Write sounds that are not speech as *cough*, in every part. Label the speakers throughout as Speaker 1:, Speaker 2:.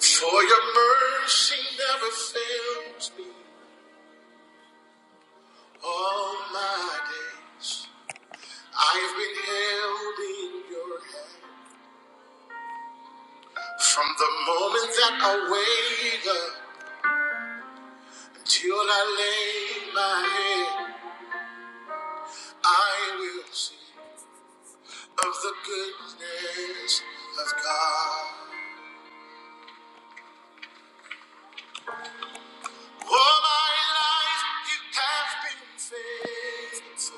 Speaker 1: For your mercy never fails me all my days. I've been held in your hand from the moment that I wake up until I lay my head. I will sing of the goodness of God. All my life you have been faithful.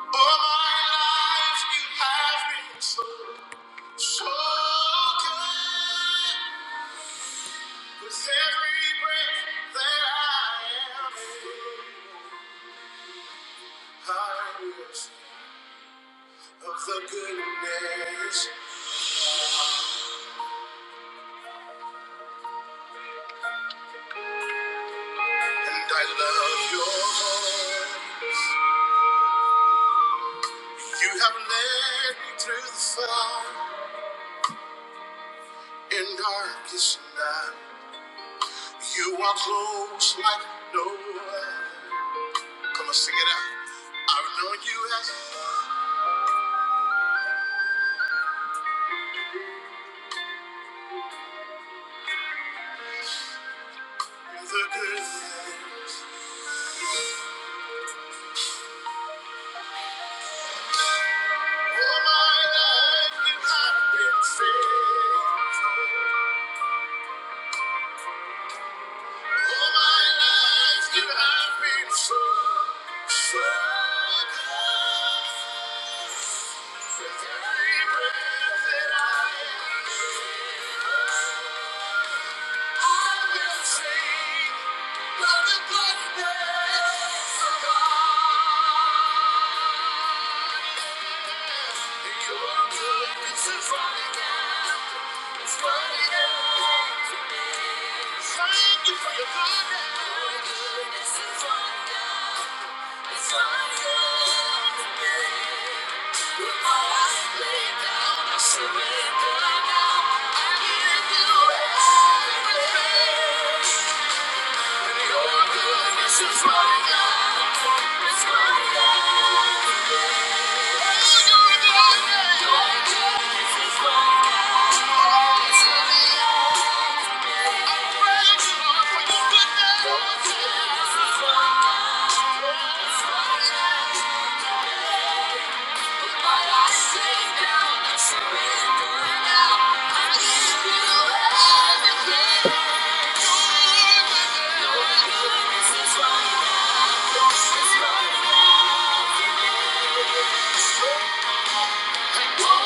Speaker 1: All my life you have been so So good with every breath that I am. in, I will sing of the goodness, and I love your voice. You have led me through the fire in darkest night. You are close like no other. Come on, sing it out. I've known you as the goodness. Your goodness is running out. Thank you for your goodness. It's wonderful. It's wonderful. With my life laid I surrender now. I give you everything. your goodness is running out. It's running out. This is Thank you. Thank you.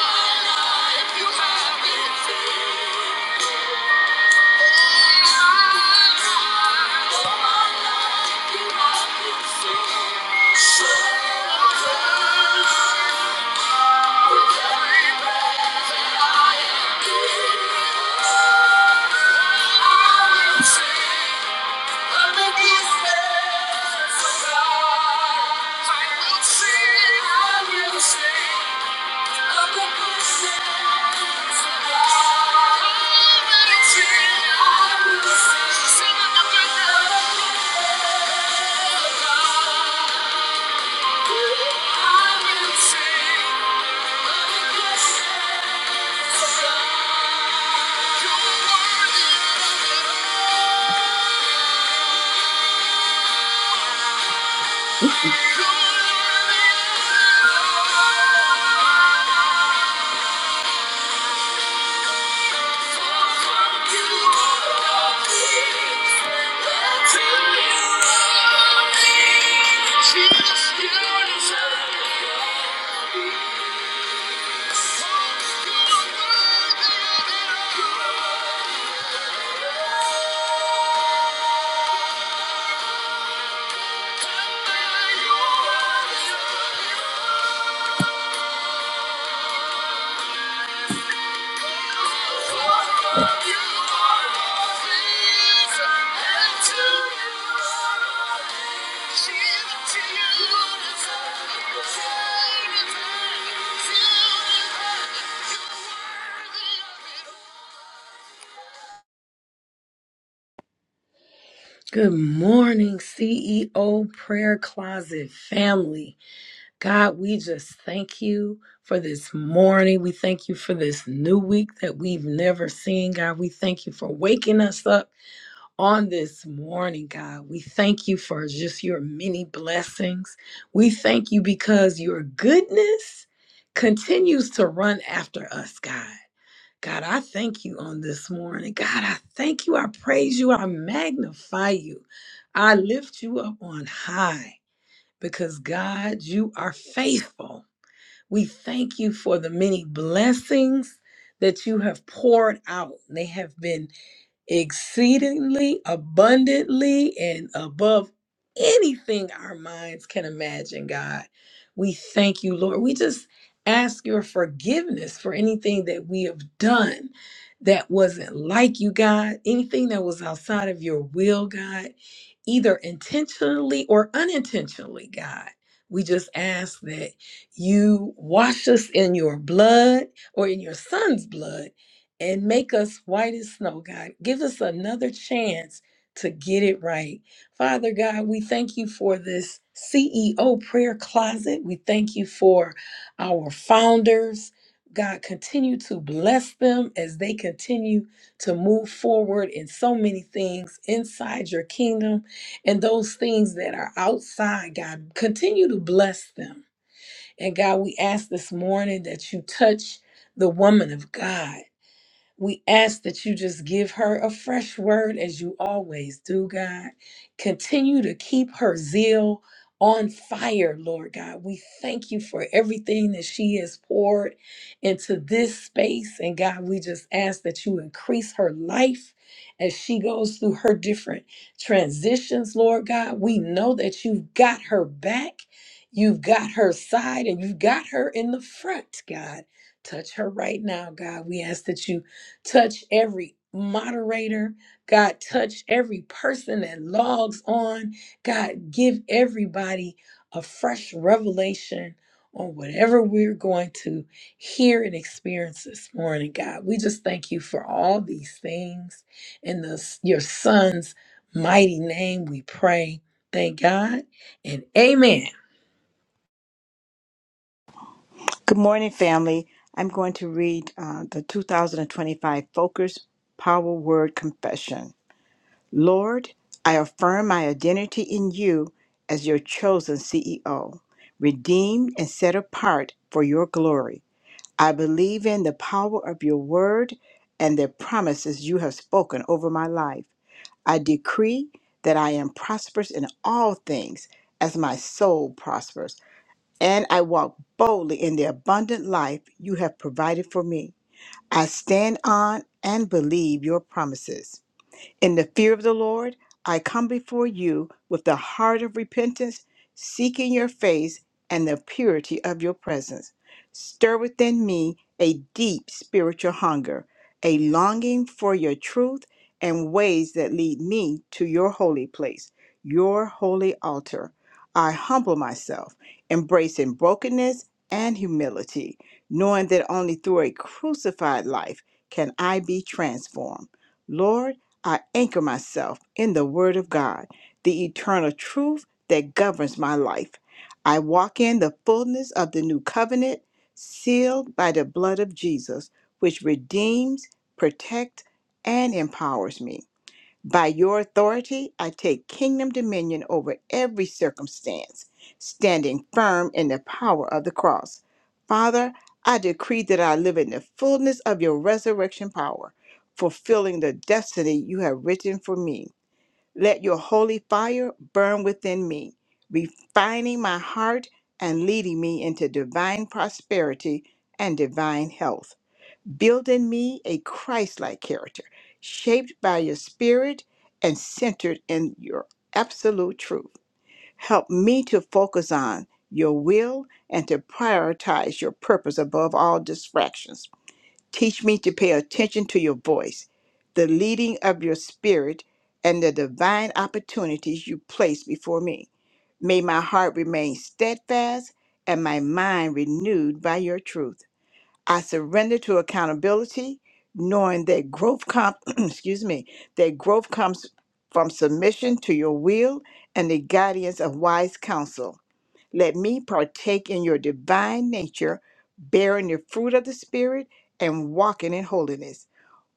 Speaker 1: Jesus, you deserve it. Thank you.
Speaker 2: Good morning, CEO Prayer Closet family. God, we just thank you for this morning. We thank you for this new week that we've never seen. God, we thank you for waking us up on this morning, God. We thank you for just your many blessings. We thank you because your goodness continues to run after us, God. God, I thank you on this morning. God, I thank you. I praise you. I magnify you. I lift you up on high because, God, you are faithful. We thank you for the many blessings that you have poured out. They have been exceedingly abundantly and above anything our minds can imagine, God. We thank you, Lord. We just ask your forgiveness for anything that we have done that wasn't like you, God, anything that was outside of your will, God, either intentionally or unintentionally, God. We just ask that you wash us in your blood or in your son's blood and make us white as snow, God. Give us another chance to get it right. Father God, we thank you for this CEO prayer closet. We thank you for our founders. God, continue to bless them as they continue to move forward in so many things inside your kingdom and those things that are outside, God. Continue to bless them. And God, we ask this morning that you touch the woman of God. We ask that you just give her a fresh word as you always do, God. Continue to keep her zeal on fire, Lord God. We thank you for everything that she has poured into this space. And God, we just ask that you increase her life as she goes through her different transitions, Lord God. We know that you've got her back, you've got her side, and you've got her in the front, God. Touch her right now, God. We ask that you touch every moderator. God, touch every person that logs on. God, give everybody a fresh revelation on whatever we're going to hear and experience this morning, God. We just thank you for all these things. In the, your son's mighty name, we pray. Thank God and amen.
Speaker 3: Good morning, family. I'm going to read uh, the 2025 Focus Power Word Confession. Lord, I affirm my identity in you as your chosen CEO, redeemed and set apart for your glory. I believe in the power of your word and the promises you have spoken over my life. I decree that I am prosperous in all things as my soul prospers and I walk boldly in the abundant life you have provided for me. I stand on and believe your promises. In the fear of the Lord, I come before you with the heart of repentance, seeking your face and the purity of your presence. Stir within me a deep spiritual hunger, a longing for your truth and ways that lead me to your holy place, your holy altar. I humble myself, embracing brokenness and humility, knowing that only through a crucified life can I be transformed. Lord, I anchor myself in the Word of God, the eternal truth that governs my life. I walk in the fullness of the new covenant, sealed by the blood of Jesus, which redeems, protects, and empowers me. By your authority, I take kingdom dominion over every circumstance, standing firm in the power of the cross. Father, I decree that I live in the fullness of your resurrection power, fulfilling the destiny you have written for me. Let your holy fire burn within me, refining my heart and leading me into divine prosperity and divine health. Build in me a Christ like character, shaped by your spirit and centered in your absolute truth. Help me to focus on your will and to prioritize your purpose above all distractions. Teach me to pay attention to your voice, the leading of your spirit, and the divine opportunities you place before me. May my heart remain steadfast and my mind renewed by your truth. I surrender to accountability, knowing that growth com- *clears throat* excuse me, that growth comes from submission to your will and the guidance of wise counsel. Let me partake in your divine nature, bearing the fruit of the spirit and walking in holiness.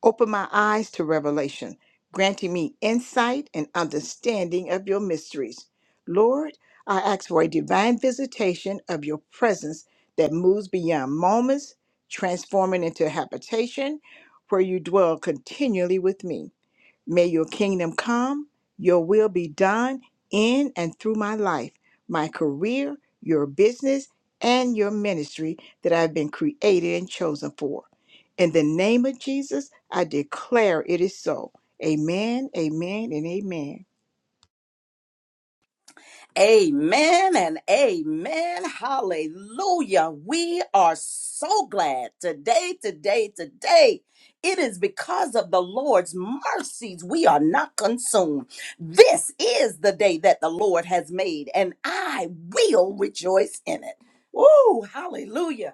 Speaker 3: Open my eyes to revelation, granting me insight and understanding of your mysteries. Lord, I ask for a divine visitation of your presence that moves beyond moments, transforming into habitation where you dwell continually with me. May your kingdom come, your will be done in and through my life, my career, your business, and your ministry that I've been created and chosen for. In the name of Jesus, I declare it is so. Amen, amen, and amen.
Speaker 1: Amen and amen. Hallelujah. We are so glad today, today, today. It is because of the Lord's mercies we are not consumed. This is the day that the Lord has made, and I will rejoice in it. Woo, hallelujah.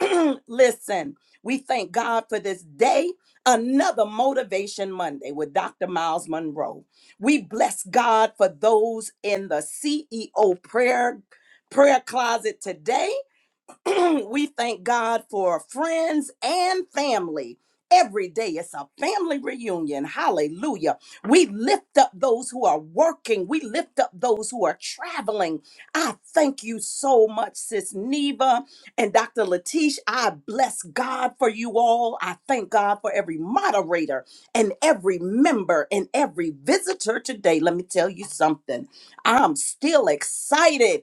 Speaker 1: *clears throat* Listen, we thank God for this day, another Motivation Monday with Dr. Miles Monroe. We bless God for those in the CEO prayer prayer closet today. *clears throat* we thank God for friends and family. Every day it's a family reunion. Hallelujah. We lift up those who are working. We lift up those who are traveling. I thank you so much, Sis Neva and Dr. Latish. I bless God for you all. I thank God for every moderator and every member and every visitor today. Let me tell you something. I'm still excited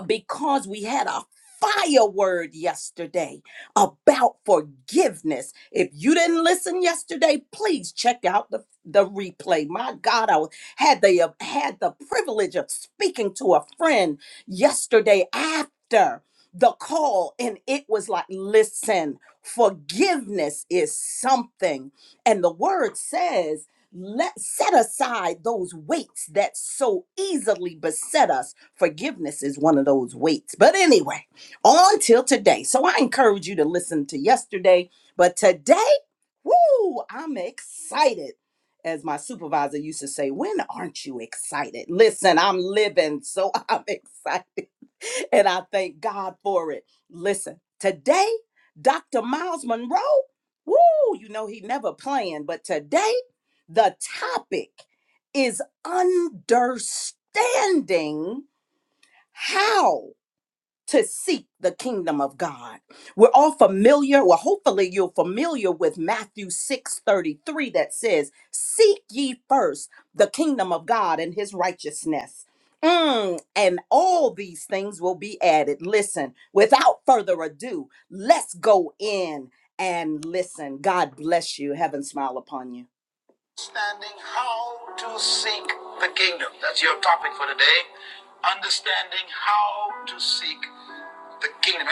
Speaker 1: because we had a fire word yesterday about forgiveness. If you didn't listen yesterday, please check out the, the replay. My God, I was- had the uh, had the privilege of speaking to a friend yesterday after the call and it was like listen forgiveness is something and the word says let set aside those weights that so easily beset us. Forgiveness is one of those weights. But anyway, on till today. So I encourage you to listen to yesterday, but today, woo, I'm excited. As my supervisor used to say, when aren't you excited? Listen, I'm living, so *laughs* I'm excited. And I thank God for it. Listen, today, Dr. Miles Monroe, woo, you know he never playing, but today the topic is understanding how to seek the kingdom of God. We're all familiar, well, hopefully you're familiar with Matthew 6 33 that says, Seek ye first the kingdom of God and his righteousness. Mm, and all these things will be added. Listen, without further ado, let's go in and listen. God bless you. Heaven smile upon you. Understanding how to seek the kingdom. That's your topic for today. Understanding how to seek the kingdom.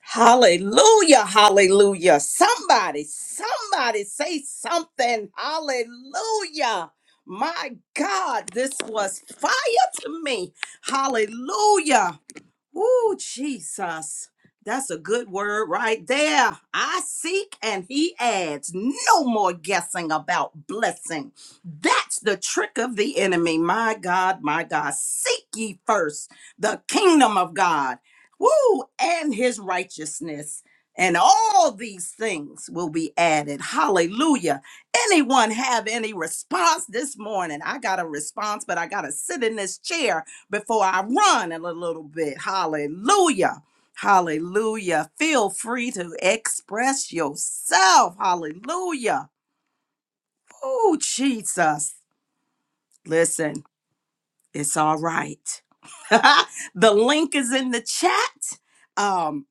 Speaker 1: Hallelujah, hallelujah. Somebody, somebody say something. Hallelujah. My God, this was fire to me. Hallelujah. Woo, Jesus. That's a good word right there. I seek and he adds. No more guessing about blessing. That's the trick of the enemy. My God, my God. Seek ye first the kingdom of God. Woo, and his righteousness. And all these things will be added. Hallelujah. Anyone have any response this morning? I got a response, but I got to sit in this chair before I run in a little bit. Hallelujah. Hallelujah. Feel free to express yourself. Hallelujah. Oh, Jesus. Listen, it's all right. *laughs* the link is in the chat. Um,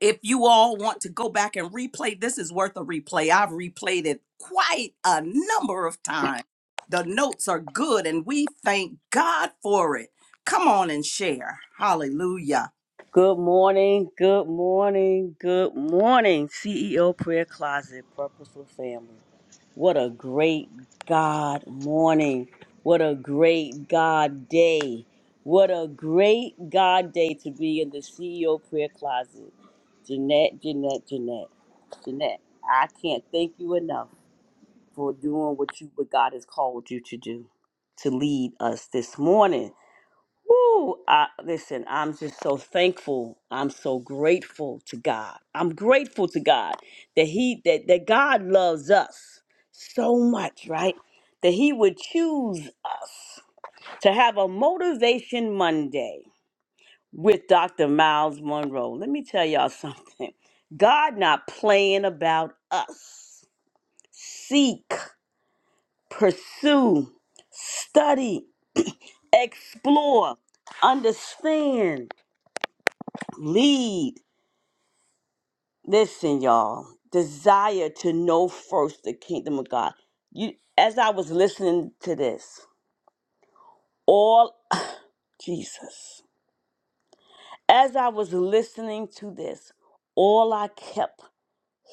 Speaker 1: if you all want to go back and replay, this is worth a replay. I've replayed it quite a number of times. The notes are good, and we thank God for it. Come on and share. Hallelujah.
Speaker 4: Good morning, good morning, good morning, CEO Prayer Closet, Purposeful Family. What a great God morning. What a great God day. What a great God day to be in the CEO Prayer Closet. Jeanette, Jeanette, Jeanette, Jeanette, I can't thank you enough for doing what you what God has called you to do, to lead us this morning. Woo! I, listen, I'm just so thankful. I'm so grateful to God. I'm grateful to God that He that that God loves us so much, right? That He would choose us to have a motivation Monday with Dr. Miles Monroe. Let me tell y'all *laughs* something. God not playing about us. Seek, pursue, study, explore, understand lead. Listen, y'all, desire to know first the kingdom of God. You as I was listening to this, all Jesus. As I was listening to this, all I kept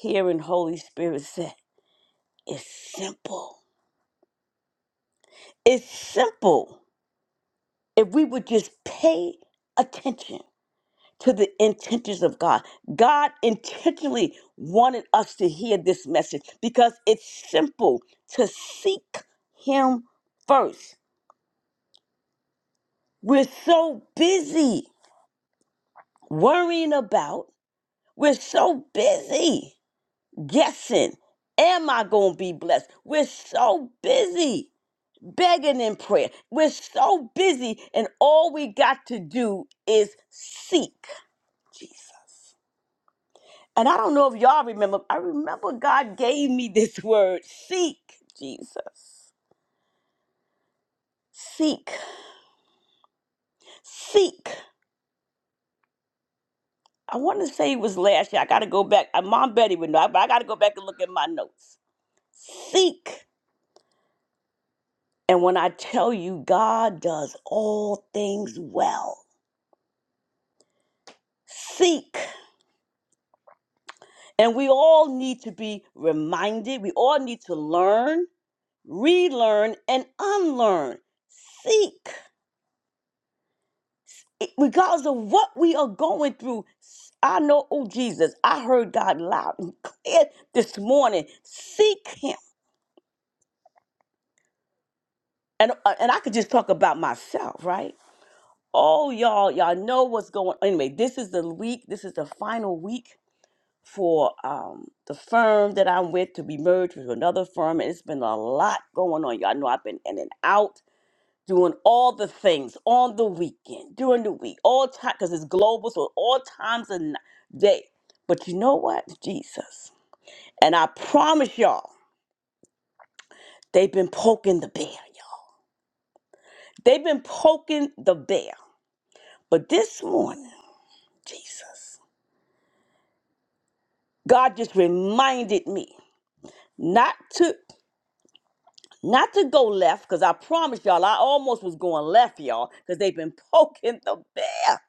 Speaker 4: hearing Holy Spirit said, it's simple. It's simple. If we would just pay attention to the intentions of God. God intentionally wanted us to hear this message because it's simple to seek Him first. We're so busy worrying about, we're so busy guessing, am I going to be blessed? We're so busy begging in prayer. We're so busy, and all we got to do is seek Jesus. And I don't know if y'all remember, I remember God gave me this *laughs* word seek Jesus. Seek, seek. I want to say it was last year. I got to go back. Uh, Mom Betty would know, but I got to go back and look at my notes. Seek. And when I tell you God does all things well, seek. And we all need to be reminded, we all need to learn, relearn, and unlearn. Seek. it- regardless of what we are going through, s- I know, oh Jesus, I heard God loud and clear this morning. Seek Him, and uh, and I could just talk about myself, right? Oh, y'all, y'all know what's going. on. Anyway, this is the week. This is the final week for um the firm that I'm with to be merged with another firm, and it's been a lot going on. Y'all know I've been in and out. doing all the things on the weekend, during the week, all time, because it's global, so all times of ni- day. But you know what? Jesus. And I promise y'all, they've been poking the bear, y'all. They've been poking the bear. But this morning, Jesus, God just reminded me not to not to go left, because I promise y'all, I almost was going left, y'all, because they've been poking the bear.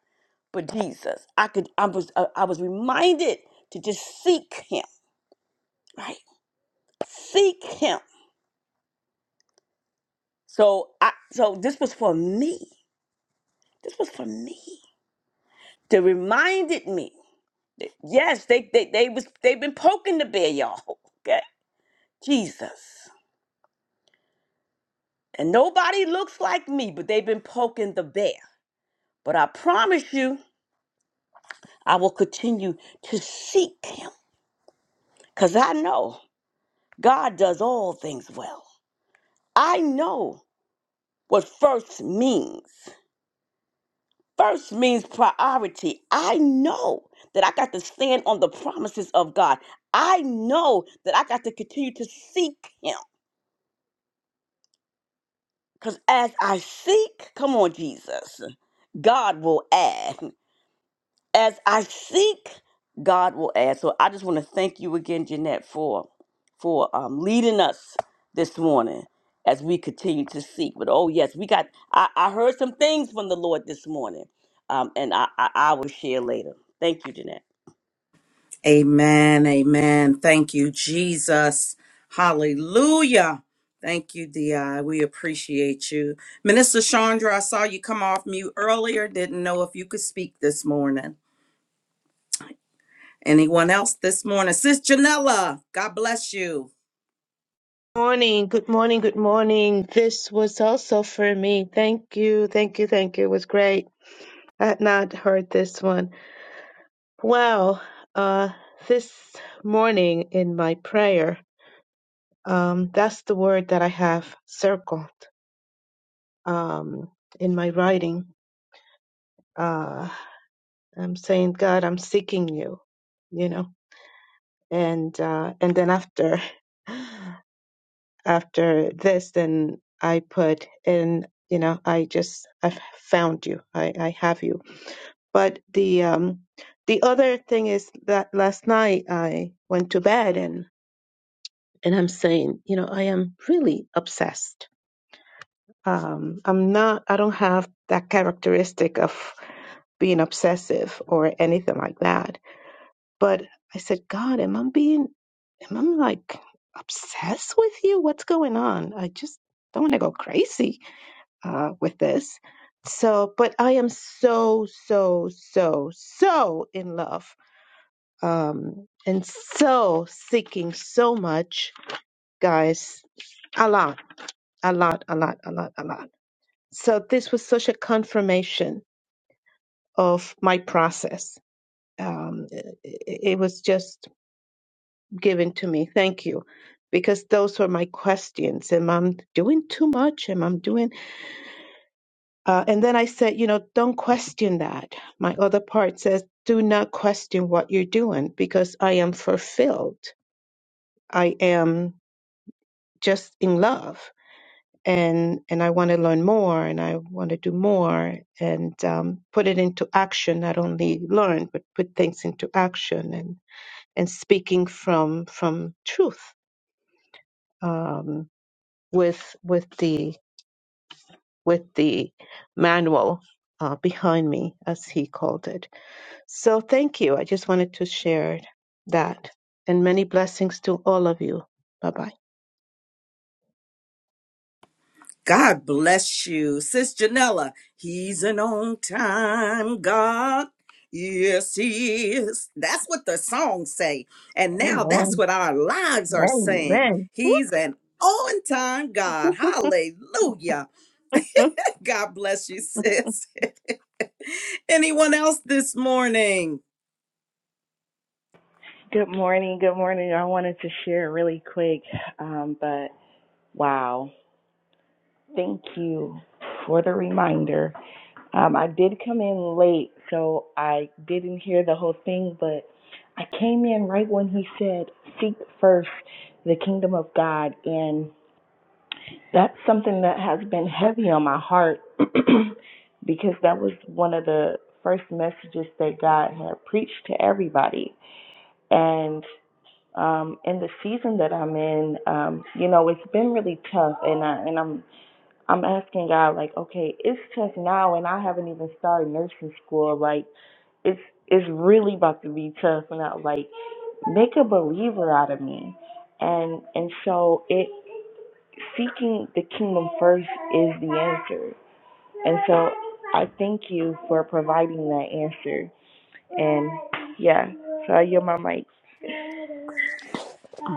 Speaker 4: But Jesus, I could I was I I was reminded to just seek him right? Seek him. So I so this was for me. This was for me. They reminded me. Yes, they they they was they've been poking the bear, y'all. Okay. Jesus. And nobody looks like me, but they've been poking the bear. But I promise you, I will continue to seek him. Cause I know God does all things well. I know what first means. First means priority. I know that I got to stand on the promises of God. I know that I got to continue to seek Him. Because as I seek, come on, Jesus, God will add. As I seek, God will add. So I just want to thank you again, Jeanette, for for um, leading us this morning as we continue to seek. But oh yes, we got. I, I heard some things from the Lord this morning, um, and I, I I will share later. Thank you, Jeanette.
Speaker 1: Amen. Amen. Thank you, Jesus. Hallelujah. Thank you, DI. We appreciate you. Minister Chandra, I saw you come off mute earlier. Didn't know if you could speak this morning. Anyone else this morning? Sis Janella, God bless you.
Speaker 5: Morning, good morning, good morning. This was also for me. Thank you, thank you, thank you. It was great. I had not heard this one. Well, uh, this morning in my prayer, um, that's the word that I have circled um, in my writing. Uh, I'm saying, God, I'm seeking you, you know, and uh, and then after. *laughs* after this, then I put in, you know, I just I've found you. I, I have you. But the um the other thing is that last night I went to bed and and I'm saying, you know, I am really obsessed. Um I'm not I don't have that characteristic of being obsessive or anything like that. But I said, God, am I being am I like obsessed with you? What's going on? I just don't want to go crazy uh, with this. So, but I am so, so, so, so in love um, and so seeking so much, guys. A lot, a lot, a lot, a lot, a lot. So, this was such a confirmation of my process. Um, it, it was just given to me. Thank you. Because those were my questions. Am I doing too much? Am I doing? Uh, and then I said, you know, don't question that. My other part says, do not question what you're doing because I am fulfilled. I am just in love, and and I want to learn more, and I want to do more, and um, put it into action. Not only learn, but put things into action, and and speaking from from truth um, with with the with the manual uh, behind me, as he called it. So thank you. I just wanted to share that. And many blessings to all of you. Bye bye.
Speaker 1: God bless you. Sis Janella, he's an on time God. Yes, he is. That's what the songs say. And now that's
Speaker 5: Amen.
Speaker 1: what our lives are saying.
Speaker 5: Amen.
Speaker 1: He's an on time God. Hallelujah. God bless you, sis. *laughs* Anyone else this morning?
Speaker 6: Good morning. Good morning. I wanted to share really quick, um, but wow. Thank you for the reminder. Um, I did come in late, so I didn't hear the whole thing, but I came in right when he said, Seek first the kingdom of God. And that's something that has been heavy on my heart *clears throat* because that was one of the first messages that God had preached to everybody. and. um in the season that I'm in, um, you know, it's been really tough and I and I'm I'm asking God like, okay, it's tough now and I haven't even started nursing school, like it's it's really about to be tough and I like make a believer out of me. And and so it seeking the kingdom first is the answer. And so I thank you for providing that answer. And yeah, so I yield my mic.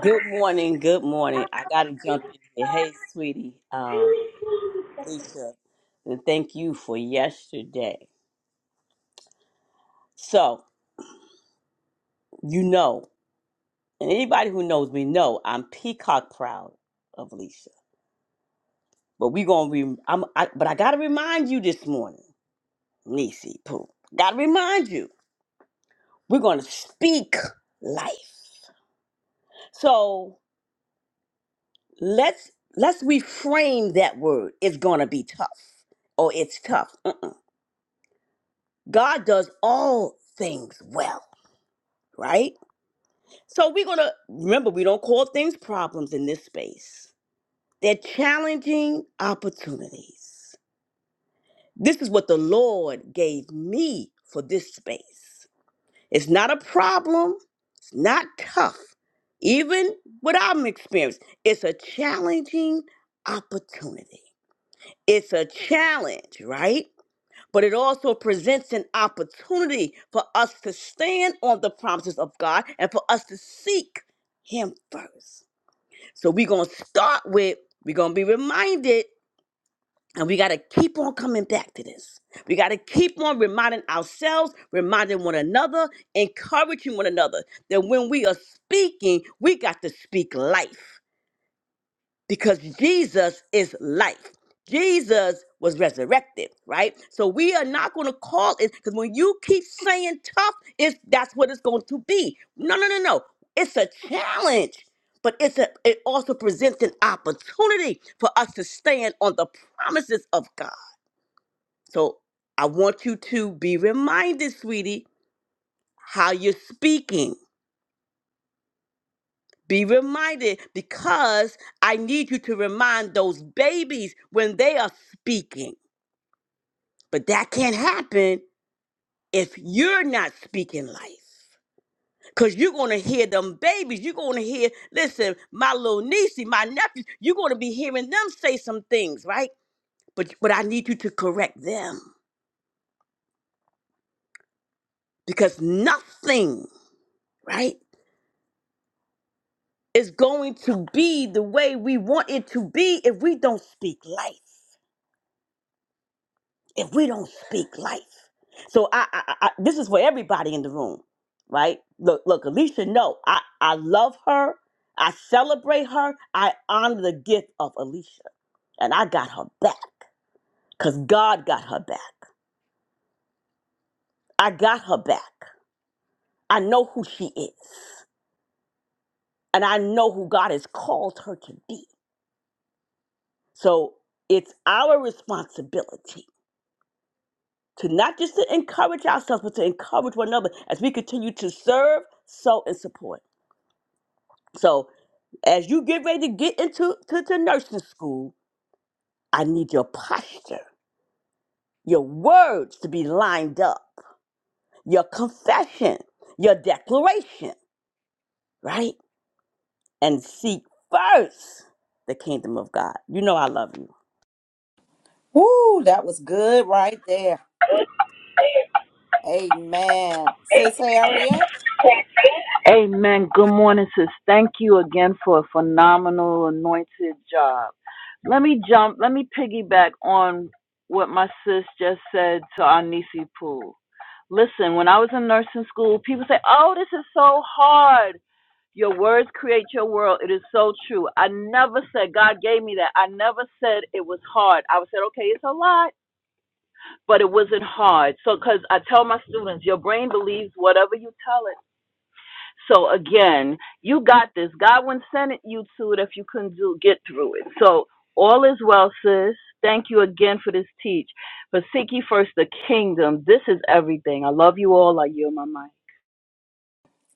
Speaker 4: Good morning. Good morning. I got to jump in here. Hey, sweetie, um, Lisa, and thank you for yesterday. So, you know, and anybody who knows me know I'm peacock proud of Lisa. But we gonna be. I'm. I, but I gotta remind you this morning, Nisi Pooh. Gotta remind you. We're gonna speak life. So let's let's reframe that word. It's gonna be tough, or it's tough. God does all things well, right? So we're going to remember we don't call things problems in this space. They're challenging opportunities. This is what the Lord gave me for this space. It's not a problem, it's not tough. Even what I'm experiencing, it's a challenging opportunity. It's a challenge, right? but it also presents an opportunity for us to stand on the promises of God and for us to seek Him first. So we're going to start with, we're going to be reminded, and we got to keep on coming back to this. We got to keep on reminding ourselves, reminding one another, encouraging one another that when we are speaking, we got to speak life because Jesus is life. Jesus was resurrected, right? So we are not going to call it because when you keep saying tough, it's that's what it's going to be. No, no, no, no. It's a challenge, but it's a it also presents an opportunity for us to stand on the promises of God. So I want you to be reminded, sweetie, how you're speaking. Be reminded because I need you to remind those babies when they are speaking But that can't happen if you're not speaking life. Cause you're gonna hear them babies. You're gonna hear, listen, my little niecey, my nephew, you're gonna be hearing them say some things, right? But but I need you to correct them. Because nothing, right, is going to be the way we want it to be if we don't speak life. if we don't speak life. So I, I, I this is for everybody in the room, right? Look, look, Alicia. No, I, I love her. I celebrate her. I honor the gift of Alicia, and I got her back because God got her back. I got her back. I know who she is, and I know who God has called her to be. So it's our responsibility to not just to encourage ourselves, but to encourage one another as we continue to serve, sow, and support. So as you get ready to get into to, to nursing school, I need your posture, your words to be lined up, your confession, your declaration, right? And seek first the kingdom of God. You know I love you.
Speaker 1: Woo, that was good right there. Amen. Sis Harriet?
Speaker 7: Amen. Good morning, sis. Thank you again for a phenomenal anointed job. Let me jump, let me piggyback on what my sis just said to Anisi Pool. Listen, when I was in nursing school, people say, Oh, this is so hard. Your words create your world. It is so true. I never said God gave me that. I never said it was hard. I would said, okay, it's a lot, but it wasn't hard. So, because I tell my students, your brain believes whatever you tell it. So again, you got this. God wouldn't send it you to it if you couldn't do get through it. So all is well, sis. Thank you again for this teach. But seek ye first the kingdom. This is everything. I love you all. I yield my mind.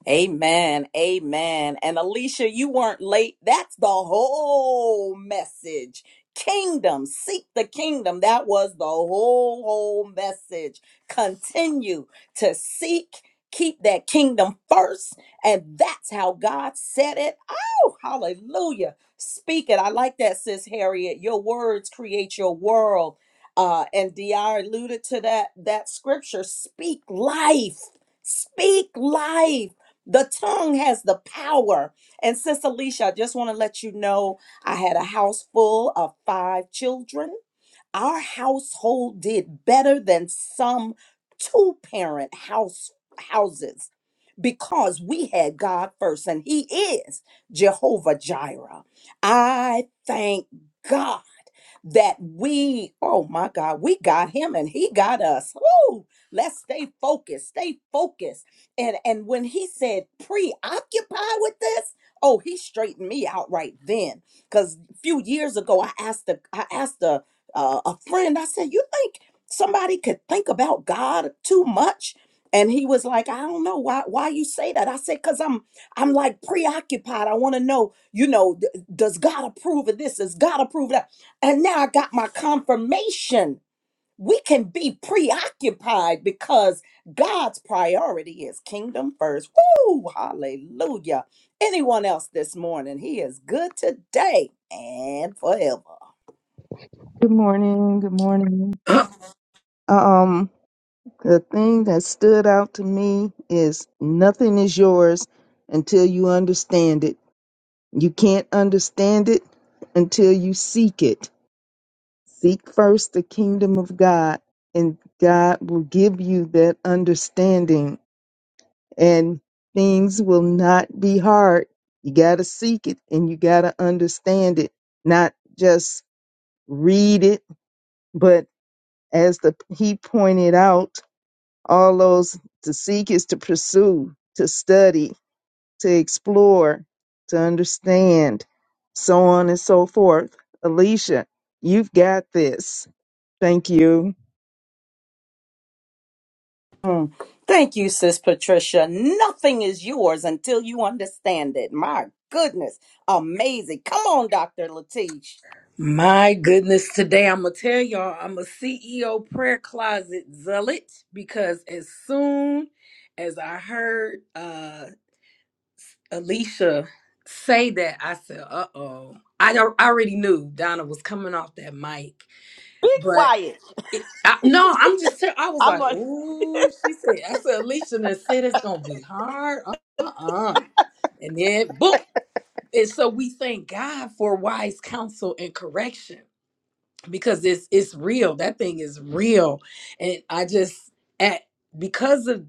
Speaker 1: Amen. Amen. And Alicia, you weren't late. That's the whole message. Kingdom, seek the kingdom. That was the whole, whole message. Continue to seek, keep that kingdom first. And that's how God said it. Oh, hallelujah. Speak it. I like that, sis Harriet. Your words create your world. Uh, and DR alluded to that that scripture. Speak life. Speak life. The tongue has the power. And Sis Alicia, I just want to let you know I had a house full of five children our household did better than some two parent house houses because we had God first and he is Jehovah Jireh. I thank God that we oh my God, we got him and he got us. Woo! Let's stay focused, stay focused. And and when he said preoccupy with this, oh, he straightened me out right then cuz a few years ago I asked the I asked the uh, a friend. I said, You think somebody could think about God too much? And he was like, I don't know why why you say that. I said, because I'm I'm like preoccupied. I want to know, you know, d- does God approve of this? Does God approve of that? And now I got my confirmation. We can be preoccupied because God's priority is kingdom first. Woo! Hallelujah. Anyone else this morning? He is good today and forever.
Speaker 8: Good morning. Good morning. Um, the thing that stood out to me is nothing is yours until you understand it. You can't understand it until you seek it. Seek first the kingdom of God, and God will give you that understanding, and things will not be hard. You got to seek it and you got to understand it, not just read it, but as the he pointed out All those to seek is to pursue, to study, to explore, to understand, so on and so forth. Alicia, you've got this. Thank you.
Speaker 1: Mm. Thank you, Sis Patricia. Nothing is yours until you understand it. My goodness. Amazing. Come on, Dr. Latish.
Speaker 2: My goodness, today I'm gonna tell y'all I'm a CEO prayer closet zealot because as soon as I heard uh Alicia say that, I said, "Uh oh." I al- I already knew Donna was coming off that mic,
Speaker 4: Be
Speaker 2: but
Speaker 4: quiet.
Speaker 2: it, I, no, I'm just tell- I was
Speaker 4: I'm
Speaker 2: like,
Speaker 4: gonna
Speaker 2: "Ooh," she said. I said, "Alicia, then said it's gonna be hard." Uh uh, and then boom. And so we thank God for wise counsel and correction because it's it's real. That thing is real, and I just at because of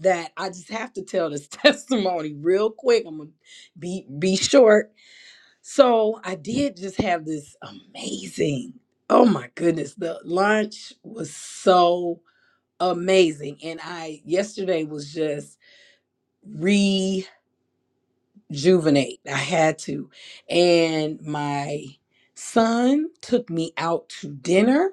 Speaker 2: that, I just have to tell this *laughs* testimony real quick. I'm gonna be be short. So I did just have this amazing. Oh my goodness, the lunch was so amazing, and I yesterday was just rejuvenate. I had to. And my son took me out to dinner.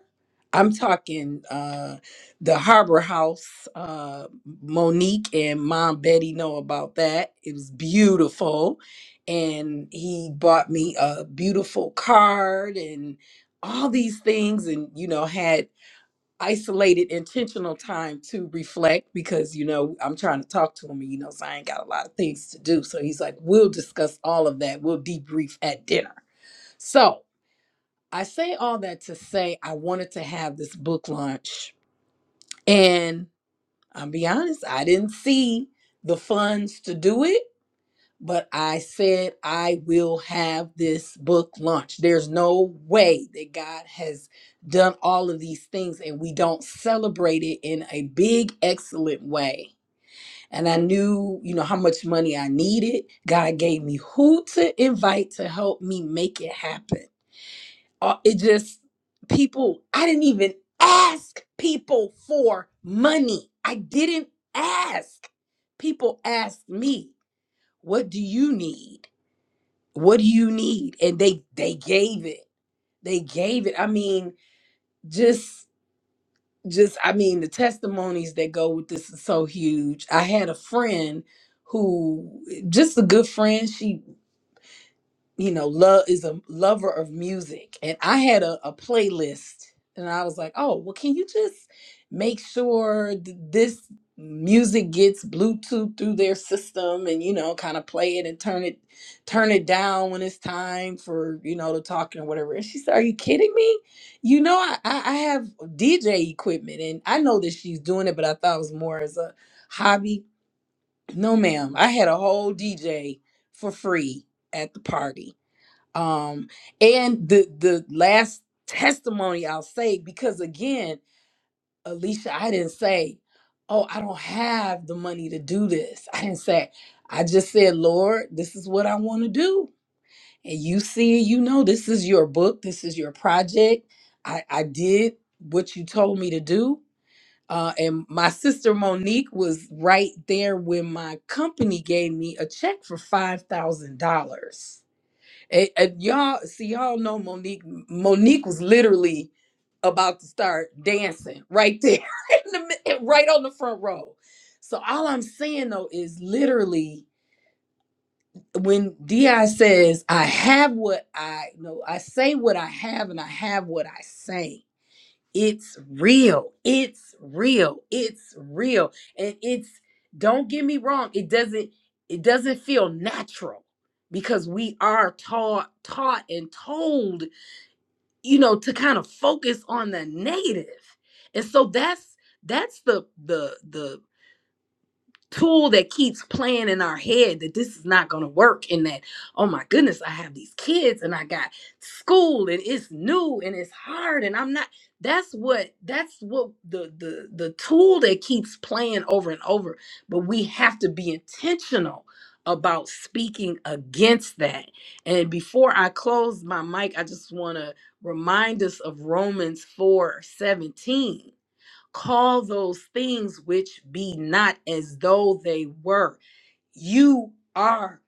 Speaker 2: I'm talking uh the Harbor House. Uh Monique and Mom Betty know about that. It was beautiful. And he bought me a beautiful card and all these things and you know had isolated intentional time to reflect because you know i'm trying to talk to him and he knows i ain't got a lot of things to do so he's like we'll discuss all of that we'll debrief at dinner so i say all that to say i wanted to have this book launch and i'll be honest i didn't see the funds to do it but I said I will have this book launch. There's no way that God has done all of these things and we don't celebrate it in a big, excellent way. And I knew, you know, how much money I needed. God gave me who to invite to help me make it happen. Uh, It just, people, I didn't even ask people for money. I didn't ask. People asked me, what do you need? what do you need and they they gave it they gave it i mean just just i mean the testimonies that go with this is so huge i had a friend who just a good friend She you know, love is a lover of music. And I had a, a playlist and I was like, oh, well, can you just make sure th- this music gets Bluetooth through their system and, you know, kind of play it and turn it, turn it down when it's time for, you know, to talking or whatever. And she said, are you kidding me? You know, I, I I have DJ equipment and I know that she's doing it, but I thought it was more as a hobby. No, ma'am. I had a whole DJ for free at the party um and the the last testimony i'll say because again alicia i didn't say oh i don't have the money to do this i didn't say i just said lord this is what i want to do and you see you know this is your book this is your project i i did what you told me to do uh, and my sister Monique was right there when my company gave me a check for five thousand dollars and, and y'all see, y'all know Monique. Monique was literally about to start dancing right there, *laughs* in the, mid- right on the front row. So all I'm saying though is literally when Di says, "I have what I know, I say what I have, and I have what I say." It's real. It's real. It's real. And it's don't get me wrong, it doesn't it doesn't feel natural because we are taught taught and told, you know, to kind of focus on the negative. And so that's that's the the the tool that keeps playing in our head that this is not going to work and that oh my goodness i have these kids and i got school and it's new and it's hard and i'm not that's what that's what the the the tool that keeps playing over and over but we have to be intentional about speaking against that and before i close my mic i just want to remind us of romans 4 17 call those things which be not as though they were. You are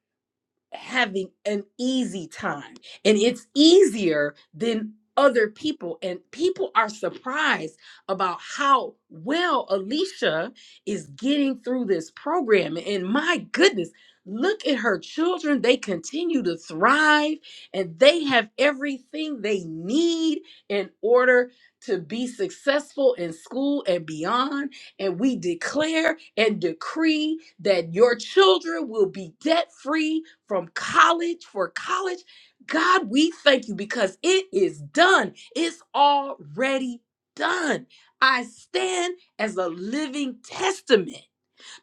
Speaker 2: having an easy time and it's easier than other people and people are surprised about how well Alicia is getting through this program and my goodness look at her children they continue to thrive and they have everything they need in order to be successful in school and beyond and we declare and decree that your children will be debt free from college for college. God, we thank you because it is done. It's already done. I stand as a living testament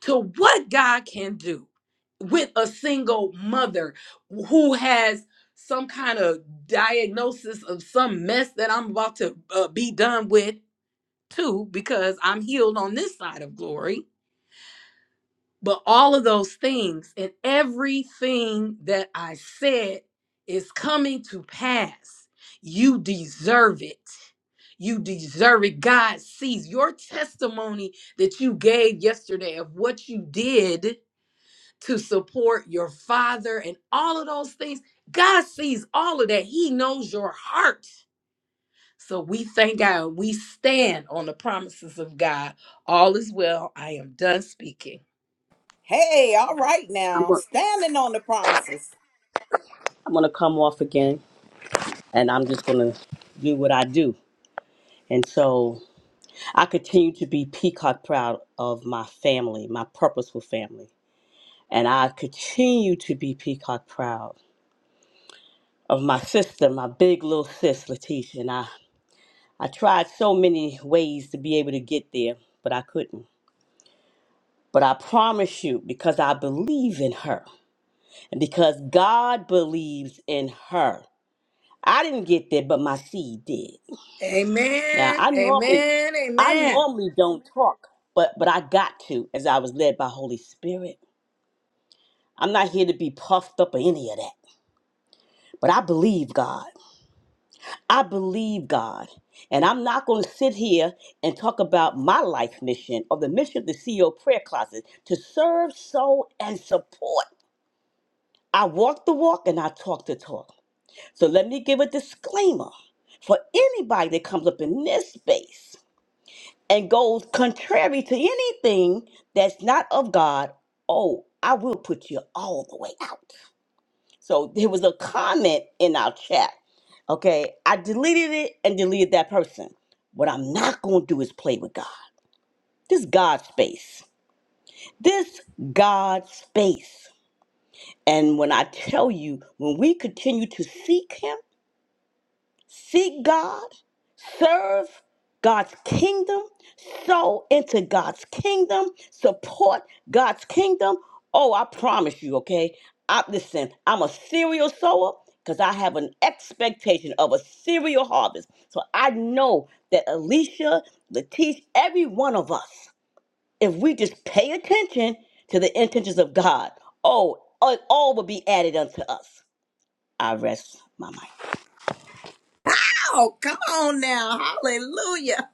Speaker 2: to what God can do with a single mother who has some kind of diagnosis of some mess that I'm about to uh, be done with too, because I'm healed on this side of glory. But all of those things and everything that I said is coming to pass. You deserve it. You deserve it. God sees your testimony that you gave yesterday of what you did to support your father and all of those things. God sees all of that. He knows your heart. So we thank God. We stand on the promises of God. All is well. I am done speaking.
Speaker 1: Hey, all right
Speaker 4: I'm
Speaker 1: now.
Speaker 4: gonna,
Speaker 1: Standing on the promises.
Speaker 4: I'm gonna come off again and I'm just gonna do what I do. And so I continue to be peacock proud of my family, my purposeful family. And I continue to be peacock proud of my sister, my big little sis, Leticia. And I, I tried so many ways to be able to get there, but I couldn't. But I promise you, because I believe in her and because God believes in her, I didn't get there, but my seed did. Now,
Speaker 2: Amen.
Speaker 4: I normally,
Speaker 2: Amen.
Speaker 4: I
Speaker 2: Amen.
Speaker 4: normally don't talk, but but I got to as I was led by Holy Spirit. I'm not here to be puffed up or any of that, but I believe God. I believe God. And I'm not going to sit here and talk about my life mission or the mission of the CEO prayer closet to serve, sow, and support. I walk the walk and I talk the talk. So let me give a disclaimer for anybody that comes up in this space and goes contrary to anything that's not of God. Oh, I will put you all the way out. So there was a comment in our chat. Okay, I deleted it and deleted that person. What I'm not going to do is play with God. This God space. This God space. And when I tell you, when we continue to seek Him, seek God, serve God's kingdom, sow into God's kingdom, support God's kingdom. Oh, I promise you, okay? I listen, I'm a serial sower because I have an expectation of a serial harvest. So I know that Alicia, Latish, every one of us, if we just pay attention to the intentions of God, oh, all all will be added unto us. I rest my mind.
Speaker 1: Oh, come on now. Hallelujah.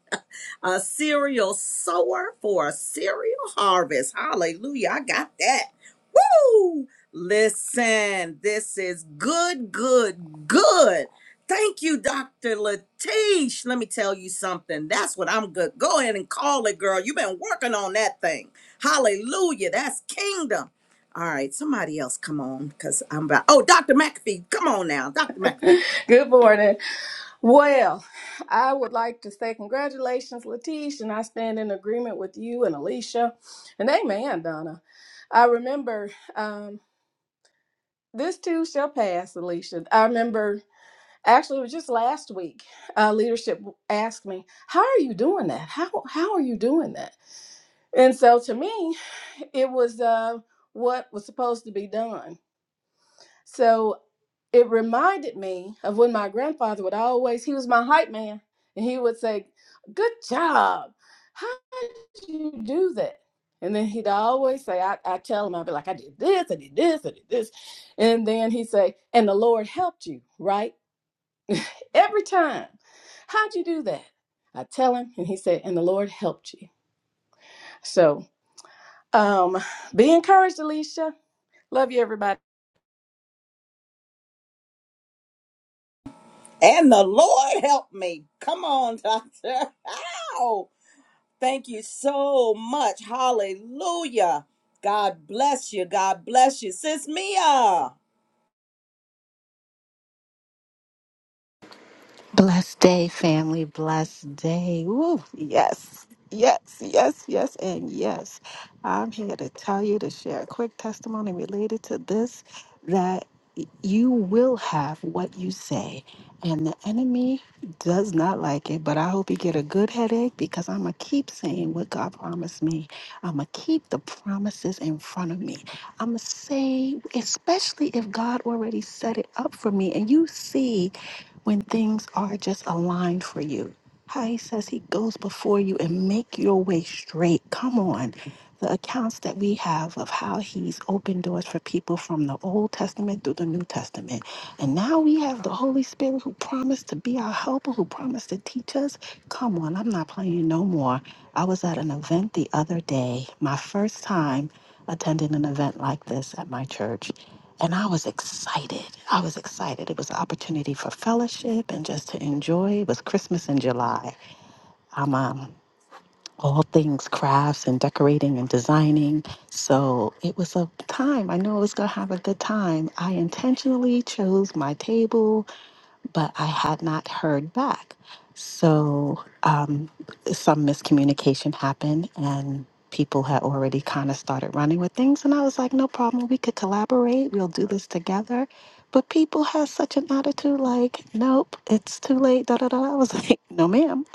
Speaker 1: a cereal sower for a cereal harvest. Hallelujah. I got that. Woo! Listen, this is good, good, good. Thank you, Dr. Latish. Let me tell you something. That's what I'm good. Go ahead and call it, girl. You've been working on that thing. Hallelujah. That's kingdom. All right, somebody else come on because I'm about. Oh, Dr. McAfee, come on now. Dr. McAfee.
Speaker 9: *laughs* Good morning. Well, I would like to say congratulations, Latish, and I stand in agreement with you and Alicia, and amen, Donna. I remember um, this too shall pass, Alicia. I remember actually it was just last week. Uh, leadership asked me, "How are you doing that? How how are you doing that?" And so to me, it was uh, what was supposed to be done. So it reminded me of when my grandfather would always, he was my hype man, and he would say, Good job. How did you do that? And then he'd always say, I, I tell him, I'd be like, I did this, I did this, I did this. And then he'd say, And the Lord helped you, right? Every time. How'd you do that? I tell him, and he said, And the Lord helped you. So um, be encouraged, Alicia. Love you, everybody.
Speaker 1: And the Lord help me. Come on, Doctor. *laughs* Ow! Thank you so much. Hallelujah. God bless you. God bless you. Sis Mia.
Speaker 10: Blessed day, family. Blessed day. Woo. Yes. Yes, yes, yes, and yes. I'm here to tell you to share a quick testimony related to this that you will have what you say. And the enemy does not like it, but I hope you get a good headache because I'm going to keep saying what God promised me. I'm going to keep the promises in front of me. I'm going to say, especially if God already set it up for me and you see when things are just aligned for you. How he says he goes before you and make your way straight. Come on. The accounts that we have of how he's opened doors for people from the Old Testament through the New Testament. And now we have the Holy Spirit who promised to be our helper, who promised to teach us. Come on, I'm not playing no more. I was at an event the other day, my first time attending an event like this at my church. And I was excited. I was excited. It was an opportunity for fellowship and just to enjoy. It was Christmas in July. I'm um, all things crafts and decorating and designing. So it was a time. I knew I was going to have a good time. I intentionally chose my table but I had not heard back. So um, some miscommunication happened, and people had already kind of started running with things. And I was like, no problem, we could collaborate, we'll do this together. But people had such an attitude like, nope, it's too late, da da da. I was *laughs* like, no, ma'am,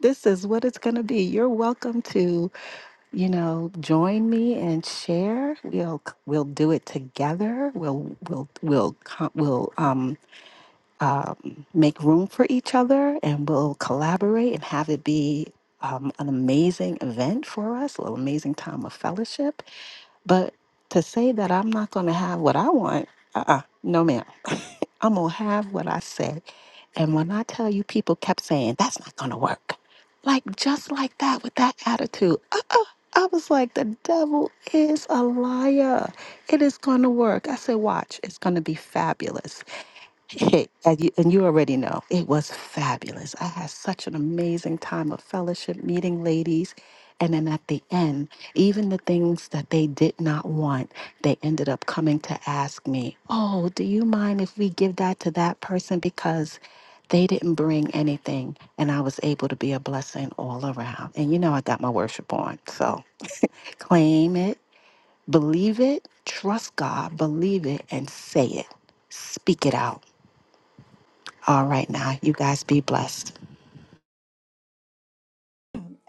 Speaker 10: this is what it's gonna be. You're welcome to, you know, join me and share. We'll we'll do it together. We'll we'll we'll co- we'll um um, make room for each other and we'll collaborate and have it be um, an amazing event for us, an amazing time of fellowship. But to say that I'm not going to have what I want, uh uh no, ma'am. I'm going to have what I said. And when I tell you, people kept saying, that's not going to work. Like, just like that, with that attitude. Uh uh I was like, the devil is a liar. It is going to work. I said, watch, it's going to be fabulous Hey, and, you, and you already know it was fabulous. I had such an amazing time of fellowship, meeting ladies. And then at the end, even the things that they did not want, they ended up coming to ask me, Oh, do you mind if we give that to that person? Because they didn't bring anything. And I was able to be a blessing all around. And you know, I got my worship on. So claim it, believe it, trust God, believe it, and say it. Speak it out all right now, you guys be blessed.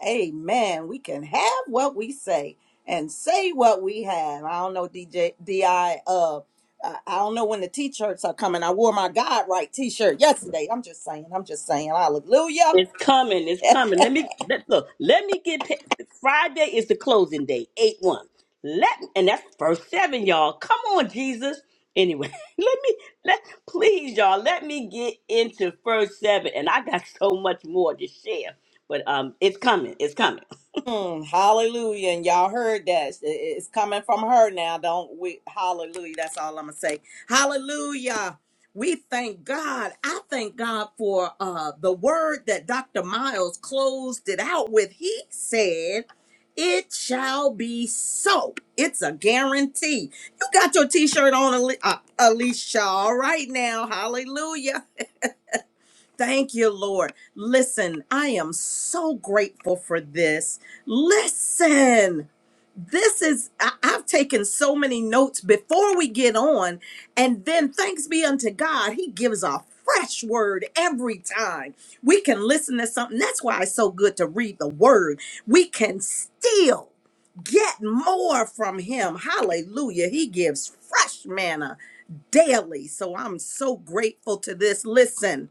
Speaker 1: Amen. We can have what we say and say what we have. I don't know, DJ DI. Uh, I uh, uh, I don't know when the t shirts are coming. I wore my God right t shirt yesterday. I'm just saying. I'm just saying. Hallelujah.
Speaker 4: It's coming. It's coming. Let me let, look. Let me get pa- Friday is the closing day, eight one. Let and that's first seven, y'all. Come on, Jesus. Anyway, *laughs* let me let please, y'all. Let me get into first seven, and I got so much more to share. But um, it's coming. It's coming.
Speaker 1: Mm, hallelujah. And y'all heard that. It- It's coming from her now. Don't we? Hallelujah. That's all I'm going to say. Hallelujah. We thank God. I thank God for uh, the word that Dr. Miles closed it out with. He said, It shall be so. It's a guarantee. You got your t shirt on, Ali- uh, Alicia, all right now. Hallelujah. Thank you, Lord. Listen, I am so grateful for this. Listen, this is, I, have taken so many notes before we get on. And then thanks be unto God, He gives a fresh word every time. We can listen to something. That's why it's so good to read the word. We can still get more from Him. Hallelujah. He gives fresh manna daily. So I'm so grateful to this. Listen.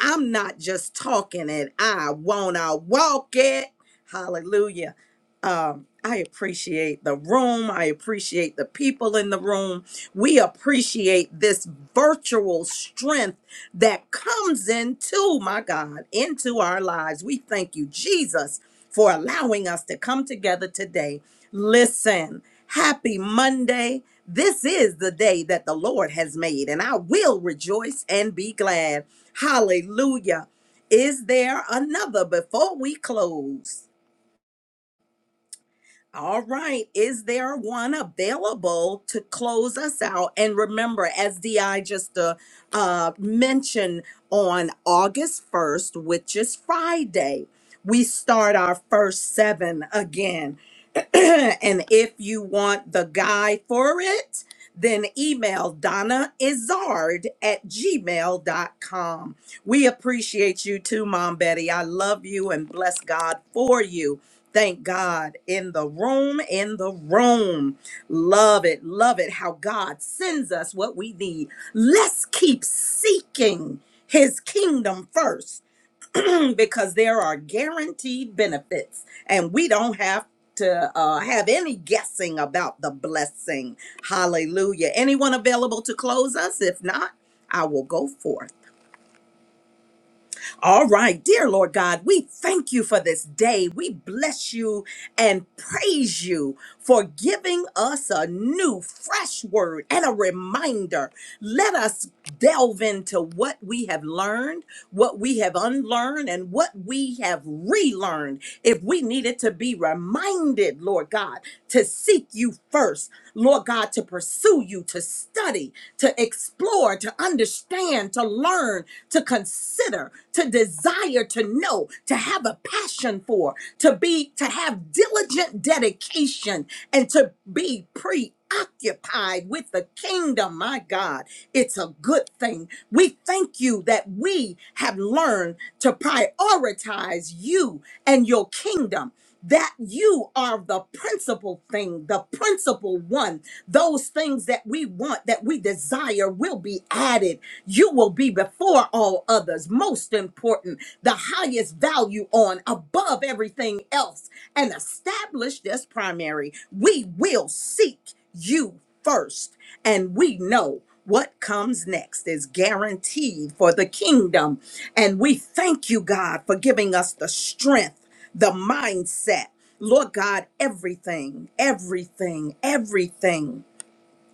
Speaker 1: I'm not just talking it. I wanna walk it. Hallelujah. Um, I appreciate the room. I appreciate the people in the room. We appreciate this virtual strength that comes into, my God, into our lives. We thank you, Jesus, for allowing us to come together today. Listen, happy Monday. This is the day that the Lord has made, and I will rejoice and be glad. Hallelujah. Is there another before we close? All right. Is there one available to close us out? And remember, as DI just uh, uh, mentioned, on August 1st, which is Friday, we start our first seven again. *clears throat* and if you want the guide for it, then email Donna Izard at gmail dot com. We appreciate you too, Mom Betty. I love you and bless God for you. Thank God in the room, in the room. Love it, love it how God sends us what we need. Let's keep seeking his kingdom first *clears throat* because there are guaranteed benefits and we don't have to uh, have any guessing about the blessing. Hallelujah. Anyone available to close us? If not, I will go forth. All right, dear Lord God, we thank you for this day. We bless you and praise you for giving us a new, fresh word and a reminder. Let us delve into what we have learned, what we have unlearned, and what we have relearned. If we needed to be reminded, Lord God, to seek you first, Lord God, to pursue you, to study, to explore, to understand, to to learn, to consider, to desire, to know, to have a passion for, to be, to have diligent dedication, and to be preoccupied with the kingdom. My God, it's a good thing. We thank you that we have learned to prioritize you and your kingdom that you are the principal thing, the principal one. Those things that we want, that we desire, will be added. You will be before all others, most important, the highest value on, above everything else, and established as primary. We will seek you first, and we know. What comes next is guaranteed for the kingdom. And we thank you, God, for giving us the strength the mindset. Lord God, everything, everything, everything,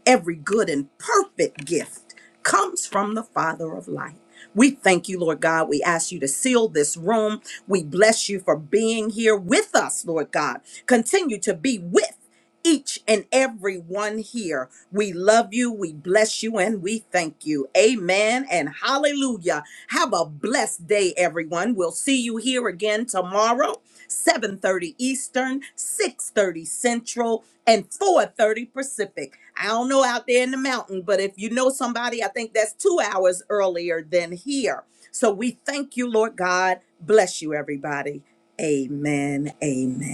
Speaker 1: every good and perfect gift comes from the Father of light. We thank you, Lord God. We ask you to seal this room. We bless you for being here with us, Lord God. Continue to be with each and every one here. We love you, we bless you, and we thank you. Amen and hallelujah. Have a blessed day, everyone. We'll see you here again tomorrow. 7:30 Eastern, 6:30 Central, and 4:30 Pacific. I don't know out there in the mountain, but if you know somebody, I think that's 2 hours earlier than here. So we thank you, Lord God. Bless you everybody. Amen. Amen.